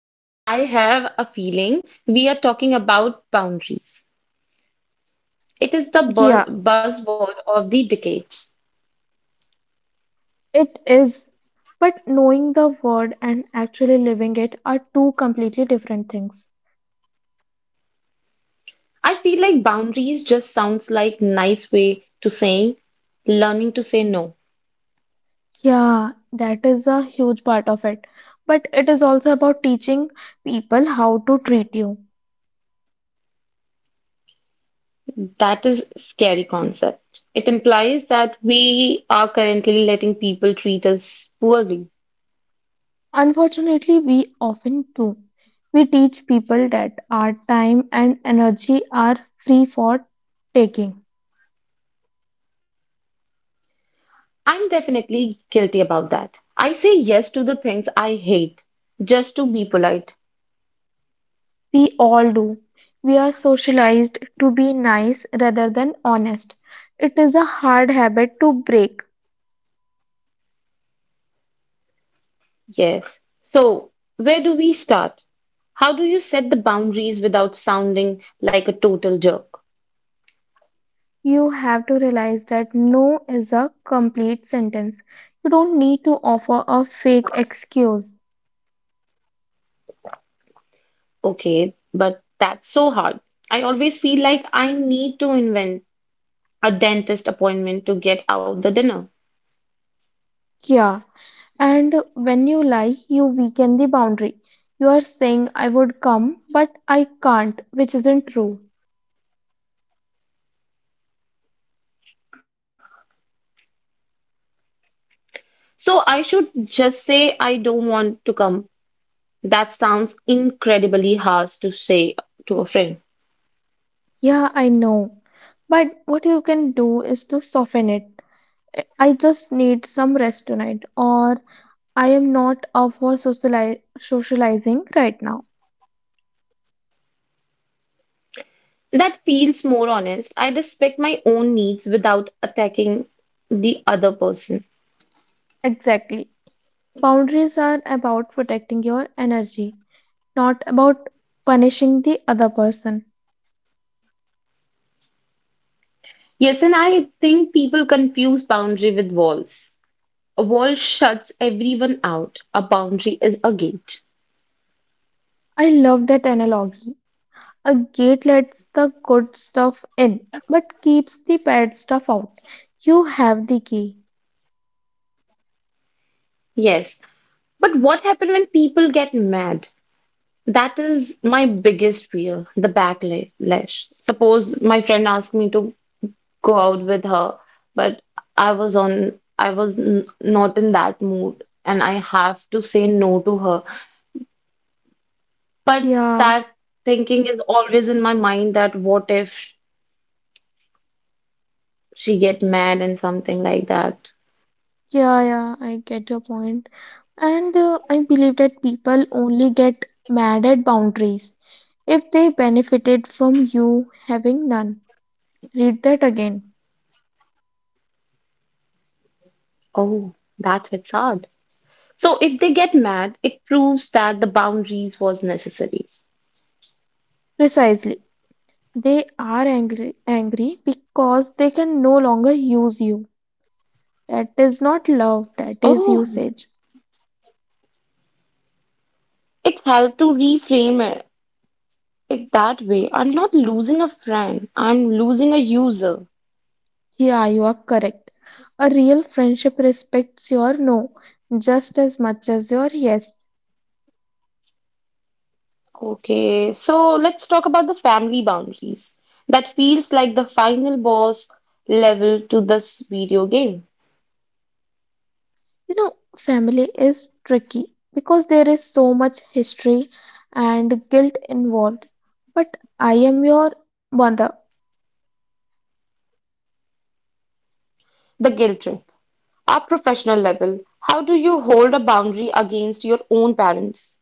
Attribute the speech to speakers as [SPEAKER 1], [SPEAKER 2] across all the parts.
[SPEAKER 1] Hi Kavita, I have a feeling we are talking about boundaries. It is the
[SPEAKER 2] Yeah,
[SPEAKER 1] buzzword of the decades.
[SPEAKER 2] it is. But knowing the word and actually living it are two completely different things.
[SPEAKER 1] I feel like boundaries just sounds like nice way to saying learning to say no.
[SPEAKER 2] Yeah, that is a huge part of it. But it is also about teaching people how to treat you.
[SPEAKER 1] That is scary concept. It implies that we are currently letting people treat us poorly.
[SPEAKER 2] Unfortunately, we often do. We teach people that our time and energy are free for taking.
[SPEAKER 1] I'm definitely guilty about that. I say yes to the things I hate just to be polite.
[SPEAKER 2] We all do. We are socialized to be nice rather than honest. It is a hard habit to break.
[SPEAKER 1] Yes. So, where do we start? How do you set the boundaries without sounding like a total jerk?
[SPEAKER 2] You have to realize that no is a complete sentence. You don't need to offer a fake excuse.
[SPEAKER 1] Okay, but that's so hard. I always feel like I need to invent a dentist appointment to get out the dinner.
[SPEAKER 2] Yeah. And when you lie, you weaken the boundary. You are saying, I would come, but I can't, which isn't true.
[SPEAKER 1] So, I should just say I don't want to come. That sounds incredibly harsh to say to a friend.
[SPEAKER 2] Yeah, I know. But what you can do is to soften it. "I just need some rest tonight, or I am not up for socializing right now.
[SPEAKER 1] That feels more honest. I respect my own needs without attacking the other person.
[SPEAKER 2] Exactly. Boundaries are about protecting your energy, not about punishing the other person.
[SPEAKER 1] Yes, and I think people confuse boundary with walls. A wall shuts everyone out, a boundary is a gate.
[SPEAKER 2] I love that analogy. A gate lets the good stuff in, but keeps the bad stuff out. You have the key.
[SPEAKER 1] Yes, but what happens when people get mad? That is my biggest fear, the backlash. Suppose my friend asked me to go out with her, but I was on, not in that mood, and I have to say no to her. But
[SPEAKER 2] Yeah,
[SPEAKER 1] that thinking is always in my mind that what if? She get mad and something like that.
[SPEAKER 2] yeah, yeah, I get your point. And I believe that people only get mad at boundaries if they benefited from you having none. Read that again.
[SPEAKER 1] Oh, that hits hard. So if they get mad, it proves that the boundaries was necessary.
[SPEAKER 2] Precisely. They are angry, angry because they can no longer use you. That is not love, that is
[SPEAKER 1] Oh,
[SPEAKER 2] usage.
[SPEAKER 1] it's helped to reframe it, it that way. I'm not losing a friend, I'm losing a user.
[SPEAKER 2] Yeah, you are correct. A real friendship respects your no just as much as your yes.
[SPEAKER 1] Okay, so let's talk about the family boundaries. That feels like the final boss level to this video game.
[SPEAKER 2] You know, family is tricky because there is so much history and guilt involved. But I am your mother.
[SPEAKER 1] The guilt trip. Our professional level. How do you hold a boundary against your own parents?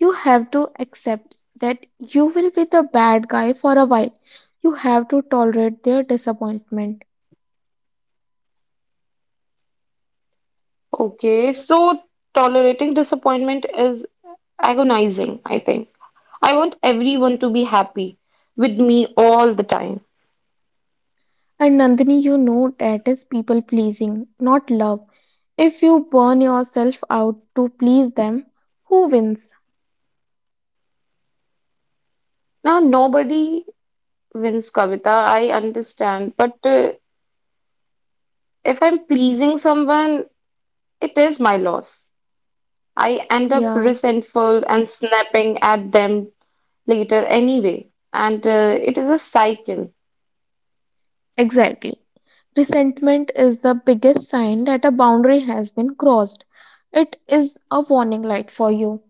[SPEAKER 2] You have to accept that you will be the bad guy for a while. You have to tolerate their disappointment.
[SPEAKER 1] Okay, so tolerating disappointment is agonizing, I think. I want everyone to be happy with me all the time.
[SPEAKER 2] And Nandini, you know that is people pleasing, not love. If you burn yourself out to please them, who wins?
[SPEAKER 1] Now, nobody wins, Kavita, I understand, but if I'm pleasing someone, it is my loss. I end up
[SPEAKER 2] Yeah,
[SPEAKER 1] resentful and snapping at them later anyway, and it is a cycle.
[SPEAKER 2] exactly. Resentment is the biggest sign that a boundary has been crossed. It is a warning light for you.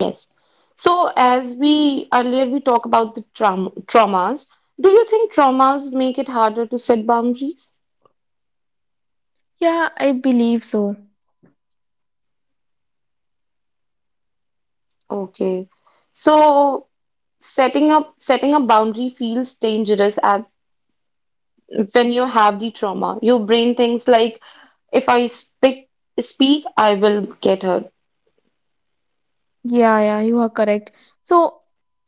[SPEAKER 1] Yes. So, as we earlier we talk about the traumas, do you think traumas make it harder to set boundaries?
[SPEAKER 2] Yeah, I believe so.
[SPEAKER 1] Okay. So, setting a boundary feels dangerous at when you have the trauma. Your brain thinks like, if I speak, I will get hurt.
[SPEAKER 2] Yeah, yeah, you are correct. So,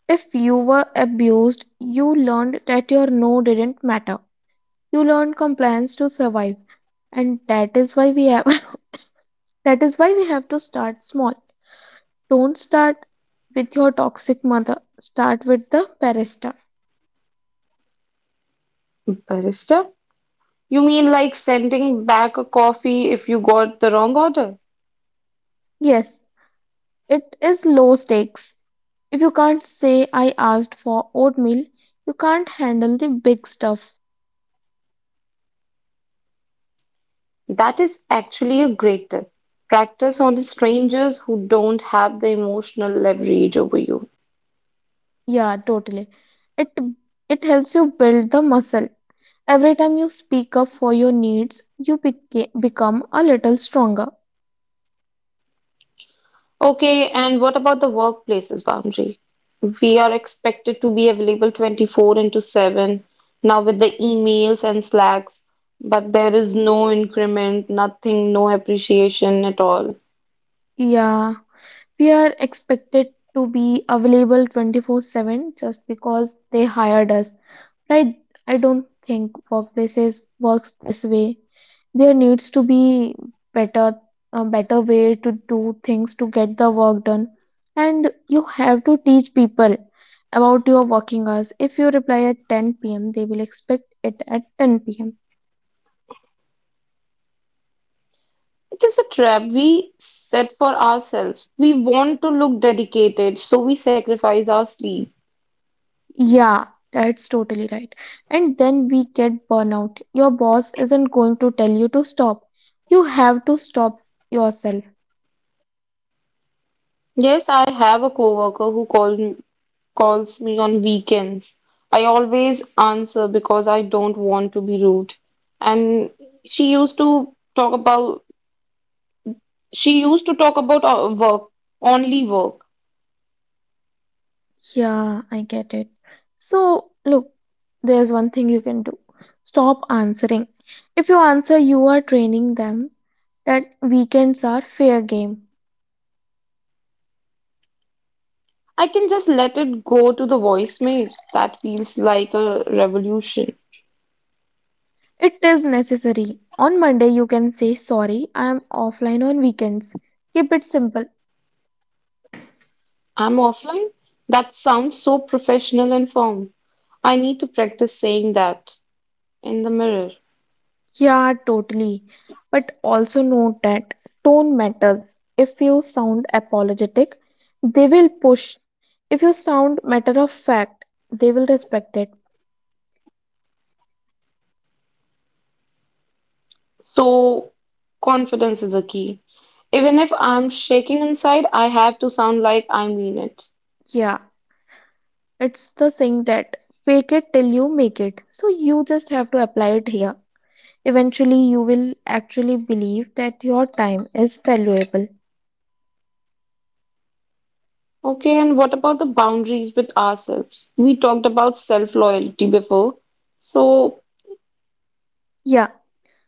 [SPEAKER 2] if you were abused, you learned that your no didn't matter. You learned compliance to survive. And that is why we have. That is why we have to start small. Don't start with your toxic mother, start with the barista.
[SPEAKER 1] Barista, you mean like sending back a coffee if you got the wrong order?
[SPEAKER 2] Yes, it is low stakes. If you can't say I asked for oatmeal, you can't handle the big stuff.
[SPEAKER 1] That is actually a great tip. Practice on the strangers who don't have the emotional leverage over you.
[SPEAKER 2] Yeah, totally. It it helps you build the muscle. Every time you speak up for your needs, you become a little stronger.
[SPEAKER 1] Okay, and what about the workplace's boundary? We are expected to be available 24/7 now with the emails and slacks, but there is no increment, nothing, no appreciation at all.
[SPEAKER 2] Yeah, we are expected to be available 24/7 just because they hired us. I, I don't think workplaces works this way. There needs to be better a better way to do things to get the work done. And you have to teach people about your working hours. If you reply at 10 p.m., they will expect it at 10 p.m.
[SPEAKER 1] It is a trap we set for ourselves. We want to look dedicated, so we sacrifice our sleep.
[SPEAKER 2] Yeah, that's totally right. And then we get burnout. Your boss isn't going to tell you to stop. You have to stop yourself.
[SPEAKER 1] Yes, I have a coworker who called calls me on weekends. I always answer because I don't want to be rude. And she used to talk about she used to talk about work, only work.
[SPEAKER 2] Yeah, I get it. So, look, there's one thing you can do. Stop answering. If you answer, you are training them that weekends are fair game.
[SPEAKER 1] I can just let it go to the voicemail. That feels like a revolution.
[SPEAKER 2] It is necessary. On Monday, you can say, "Sorry, I am offline on weekends." Keep it simple.
[SPEAKER 1] I'm offline. That sounds so professional and firm. I need to practice saying that in the mirror.
[SPEAKER 2] Yeah, totally. But also note that tone matters. If you sound apologetic, they will push. If you sound matter of fact, they will respect it.
[SPEAKER 1] So, confidence is a key. Even if I'm shaking inside, I have to sound like I mean it.
[SPEAKER 2] Yeah, it's the thing that fake it till you make it. So you just have to apply it here. Eventually, you will actually believe that your time is valuable.
[SPEAKER 1] Okay, and what about the boundaries with ourselves? We talked about self loyalty before. So,
[SPEAKER 2] Yeah.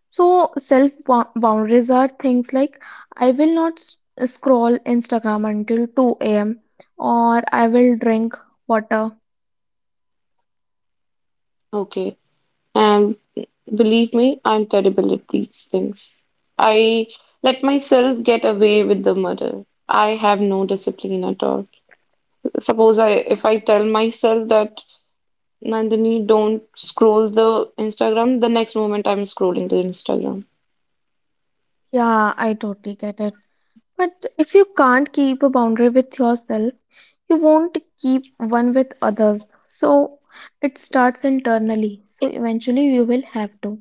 [SPEAKER 2] So self boundaries are things like I will not scroll Instagram until 2 a.m. or I will drink water.
[SPEAKER 1] okay, and believe me, I'm terrible at these things. I let myself get away with the murder. I have no discipline at all. If I tell myself that Nandini, don't scroll the Instagram. The next moment I'm scrolling the Instagram.
[SPEAKER 2] Yeah, I totally get it. But if you can't keep a boundary with yourself, you won't keep one with others. So it starts internally. So eventually you will have to.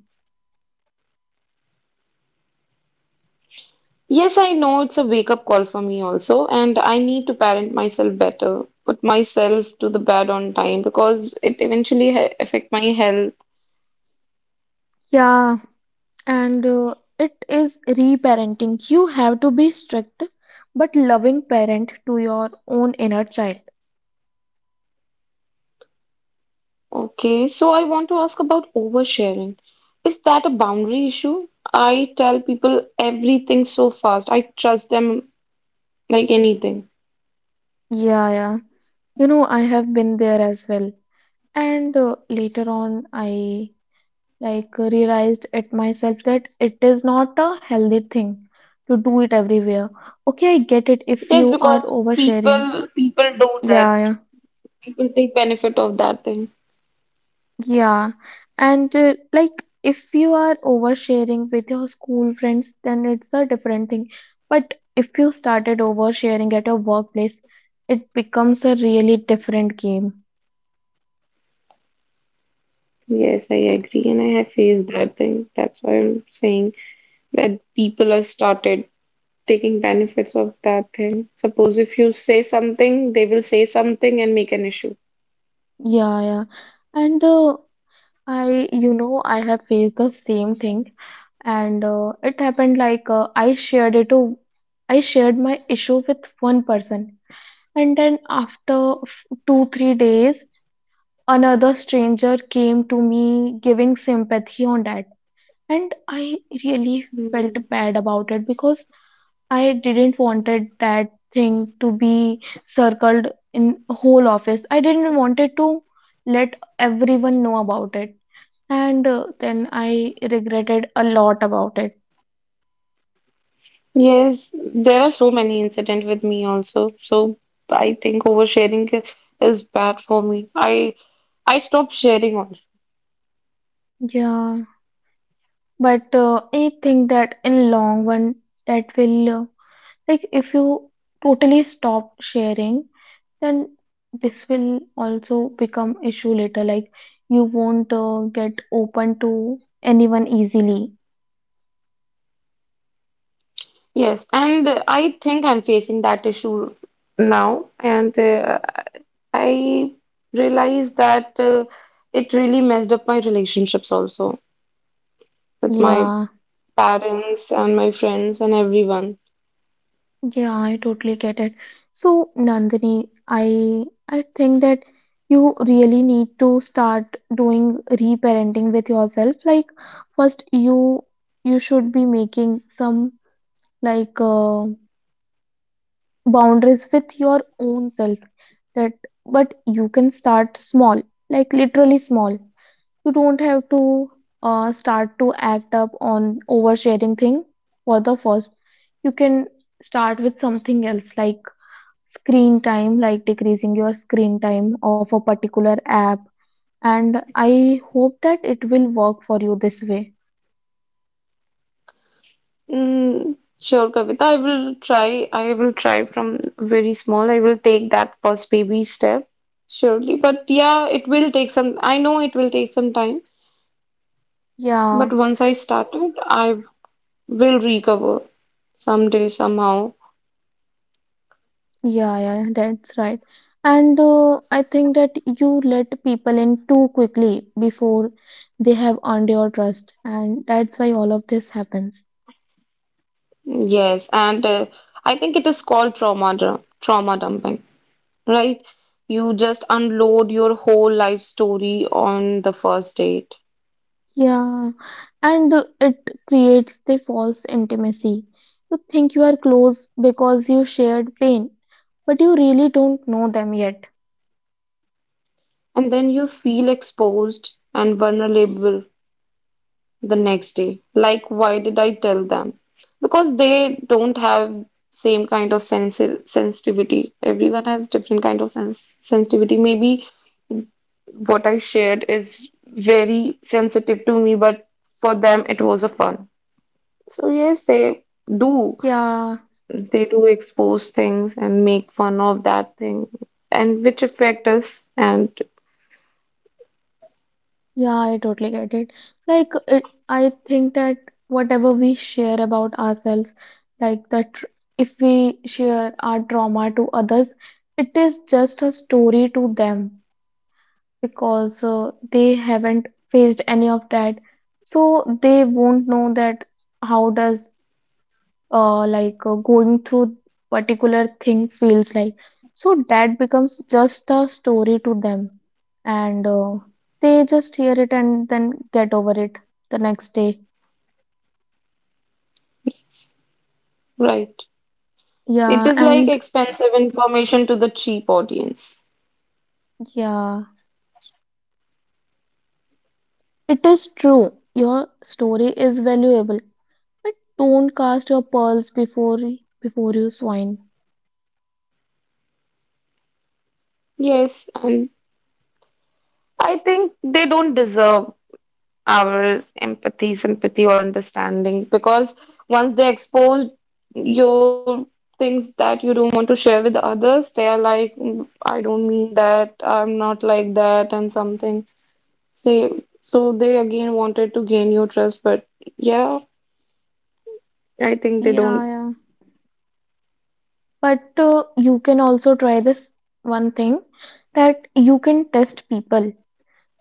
[SPEAKER 1] Yes, I know it's a wake up call for me also, and I need to parent myself better, put myself to the bed on time because it eventually affect my health.
[SPEAKER 2] Yeah, and It is reparenting. You have to be strict but loving parent to your own inner child.
[SPEAKER 1] Okay, so I want to ask about oversharing. Is that a boundary issue? I tell people everything so fast. I trust them like anything.
[SPEAKER 2] Yeah, yeah. You know, I have been there as well. And later on, I realized it myself that it is not a healthy thing to do it everywhere. Okay, I get it if
[SPEAKER 1] Yes,
[SPEAKER 2] you are
[SPEAKER 1] because
[SPEAKER 2] oversharing.
[SPEAKER 1] people do
[SPEAKER 2] Yeah,
[SPEAKER 1] that.
[SPEAKER 2] yeah,
[SPEAKER 1] People take benefit of that thing.
[SPEAKER 2] yeah. And like if you are oversharing with your school friends, then it's a different thing. But if you started oversharing at your workplace, it becomes a really different game.
[SPEAKER 1] Yes, I agree, and I have faced that thing. That's why I'm saying that people are started taking benefits of that thing. Suppose if you say something, they will say something and make an issue.
[SPEAKER 2] Yeah, yeah. And I, you know, I have faced the same thing. And it happened like I shared my issue with one person, and then after f- 2 3 days another stranger came to me giving sympathy on that, and I really felt
[SPEAKER 1] Hmm.
[SPEAKER 2] bad about it because I didn't wanted that thing to be circled in whole office. I didn't wanted to let everyone know about it. And then I regretted a lot about it.
[SPEAKER 1] Yes, there are so many incident with me also. So I think oversharing is bad for me. I stopped sharing also.
[SPEAKER 2] Yeah, but I think that in long run that will like if you totally stop sharing, then this will also become issue later, like you won't get open to anyone easily.
[SPEAKER 1] Yes, and I think I'm facing that issue now, and I realized that it really messed up my relationships also with my
[SPEAKER 2] Yeah,
[SPEAKER 1] parents and my friends and everyone.
[SPEAKER 2] yeah, I totally get it. So Nandini, I think that you really need to start doing reparenting with yourself. Like first, you should be making some like uh, boundaries with your own self. That, but you can start small, like literally small. You don't have to start to act up on oversharing thing for the first. You can start with something else, like screen time, like decreasing your screen time of a particular app, and I hope that it will work for you this way.
[SPEAKER 1] Mm, sure, Kavita, I will try. I will try from very small. I will take that first baby step, surely. But yeah, it will take some, I know it will take some time,
[SPEAKER 2] Yeah.
[SPEAKER 1] but once I started, I will recover someday, somehow.
[SPEAKER 2] Yeah, yeah, that's right. And I think that you let people in too quickly before they have earned your trust, and that's why all of this happens.
[SPEAKER 1] Yes, and I think it is called trauma dumping. Right? You just unload your whole life story on the first date,
[SPEAKER 2] Yeah, and It creates the false intimacy. You think you are close because you shared pain, but you really don't know them yet.
[SPEAKER 1] and then you feel exposed and vulnerable the next day. Like, why did I tell them? Because they don't have same kind of sensitivity. Everyone has different kind of sensitivity. Maybe what I shared is very sensitive to me, but for them it was a fun. So yes, do
[SPEAKER 2] Yeah,
[SPEAKER 1] they do expose things and make fun of that thing and which affect us and
[SPEAKER 2] yeah, I totally get it. Like it, I think that whatever we share about ourselves, like that, tr- if we share our trauma to others, it is just a story to them because they haven't faced any of that, so they won't know that how does going through particular thing feels like. So that becomes just a story to them, and they just hear it and then get over it the next day.
[SPEAKER 1] yes, right. It
[SPEAKER 2] Yeah.
[SPEAKER 1] is like
[SPEAKER 2] And
[SPEAKER 1] expensive information to the cheap audience.
[SPEAKER 2] yeah, it is true, your story is valuable, but don't cast your pearls before you swine.
[SPEAKER 1] Yes, and I think they don't deserve our empathy sympathy or understanding because once they expose your things that you don't want to share with others they are like "Mm, I don't mean that I'm not like that and something. Say, so they again wanted to gain your trust, but yeah, I think they
[SPEAKER 2] Yeah,
[SPEAKER 1] don't.
[SPEAKER 2] yeah, but you can also try this one thing, that you can test people,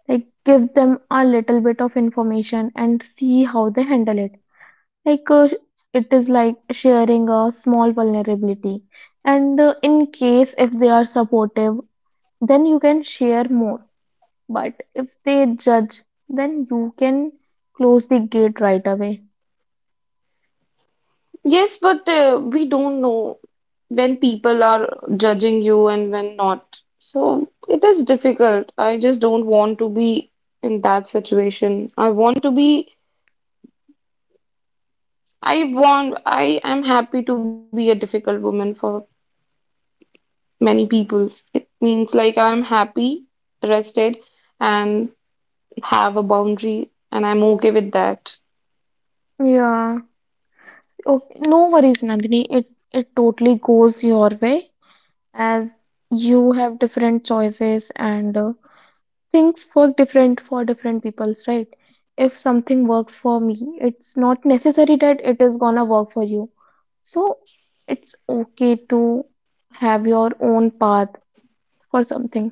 [SPEAKER 2] like give them a little bit of information and see how they handle it, like uh, it is like sharing a small vulnerability. And in case if they are supportive, then you can share more, but if they judge, then you can close the gate right away.
[SPEAKER 1] Yes, but we don't know when people are judging you and when not. So it is difficult. I just don't want to be in that situation. I want, I am happy to be a difficult woman for many peoples. It means like I'm happy, rested, and have a boundary, and I'm okay with that.
[SPEAKER 2] Yeah. Okay, no worries Nandini, it totally goes your way, as you have different choices, and things work different for different people's, right? If something works for me, it's not necessary that it is gonna work for you. So it's okay to have your own path for something.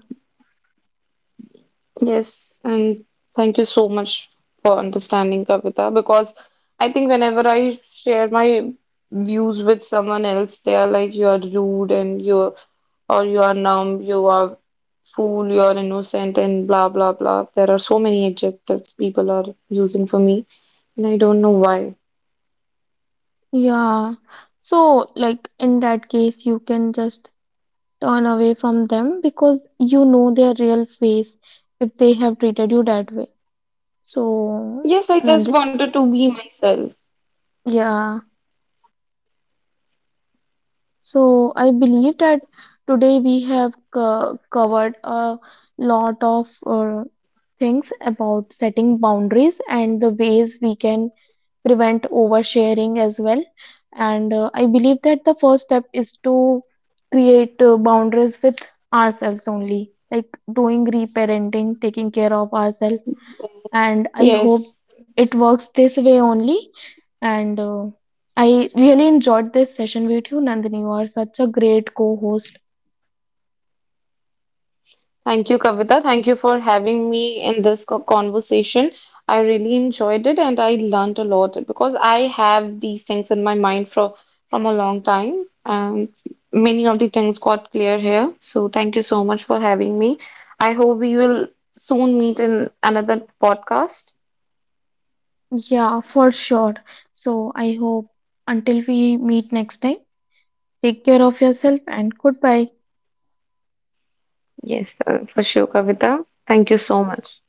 [SPEAKER 1] Yes, and thank you so much for understanding, Kavita, because I think whenever I share my views with someone else, they are like, you are rude and you are numb, you are fool, you are innocent, and blah, blah, blah. There are so many adjectives people are using for me, and I don't know why.
[SPEAKER 2] Yeah, so like in that case you can just turn away from them, because you know their real face if they have treated you that way. So
[SPEAKER 1] Yes, I just
[SPEAKER 2] Nand,
[SPEAKER 1] wanted to be myself.
[SPEAKER 2] yeah. So I believe that today we have covered a lot of things about setting boundaries and the ways we can prevent oversharing as well. And I believe that the first step is to create boundaries with ourselves only, like doing reparenting, taking care of ourselves, and I hope
[SPEAKER 1] Yes.
[SPEAKER 2] it works this way only. And I really enjoyed this session with you, Nandini. You are such a great co-host.
[SPEAKER 1] Thank you, Kavita. Thank you for having me in this conversation. I really enjoyed it and I learned a lot because I have these things in my mind for from a long time and many of the things got clear here. So thank you so much for having me. I hope we will soon meet in another podcast.
[SPEAKER 2] Yeah, for sure. So I hope until we meet next time, take care of yourself and goodbye.
[SPEAKER 1] Yes, for sure, Kavita. Thank you so much.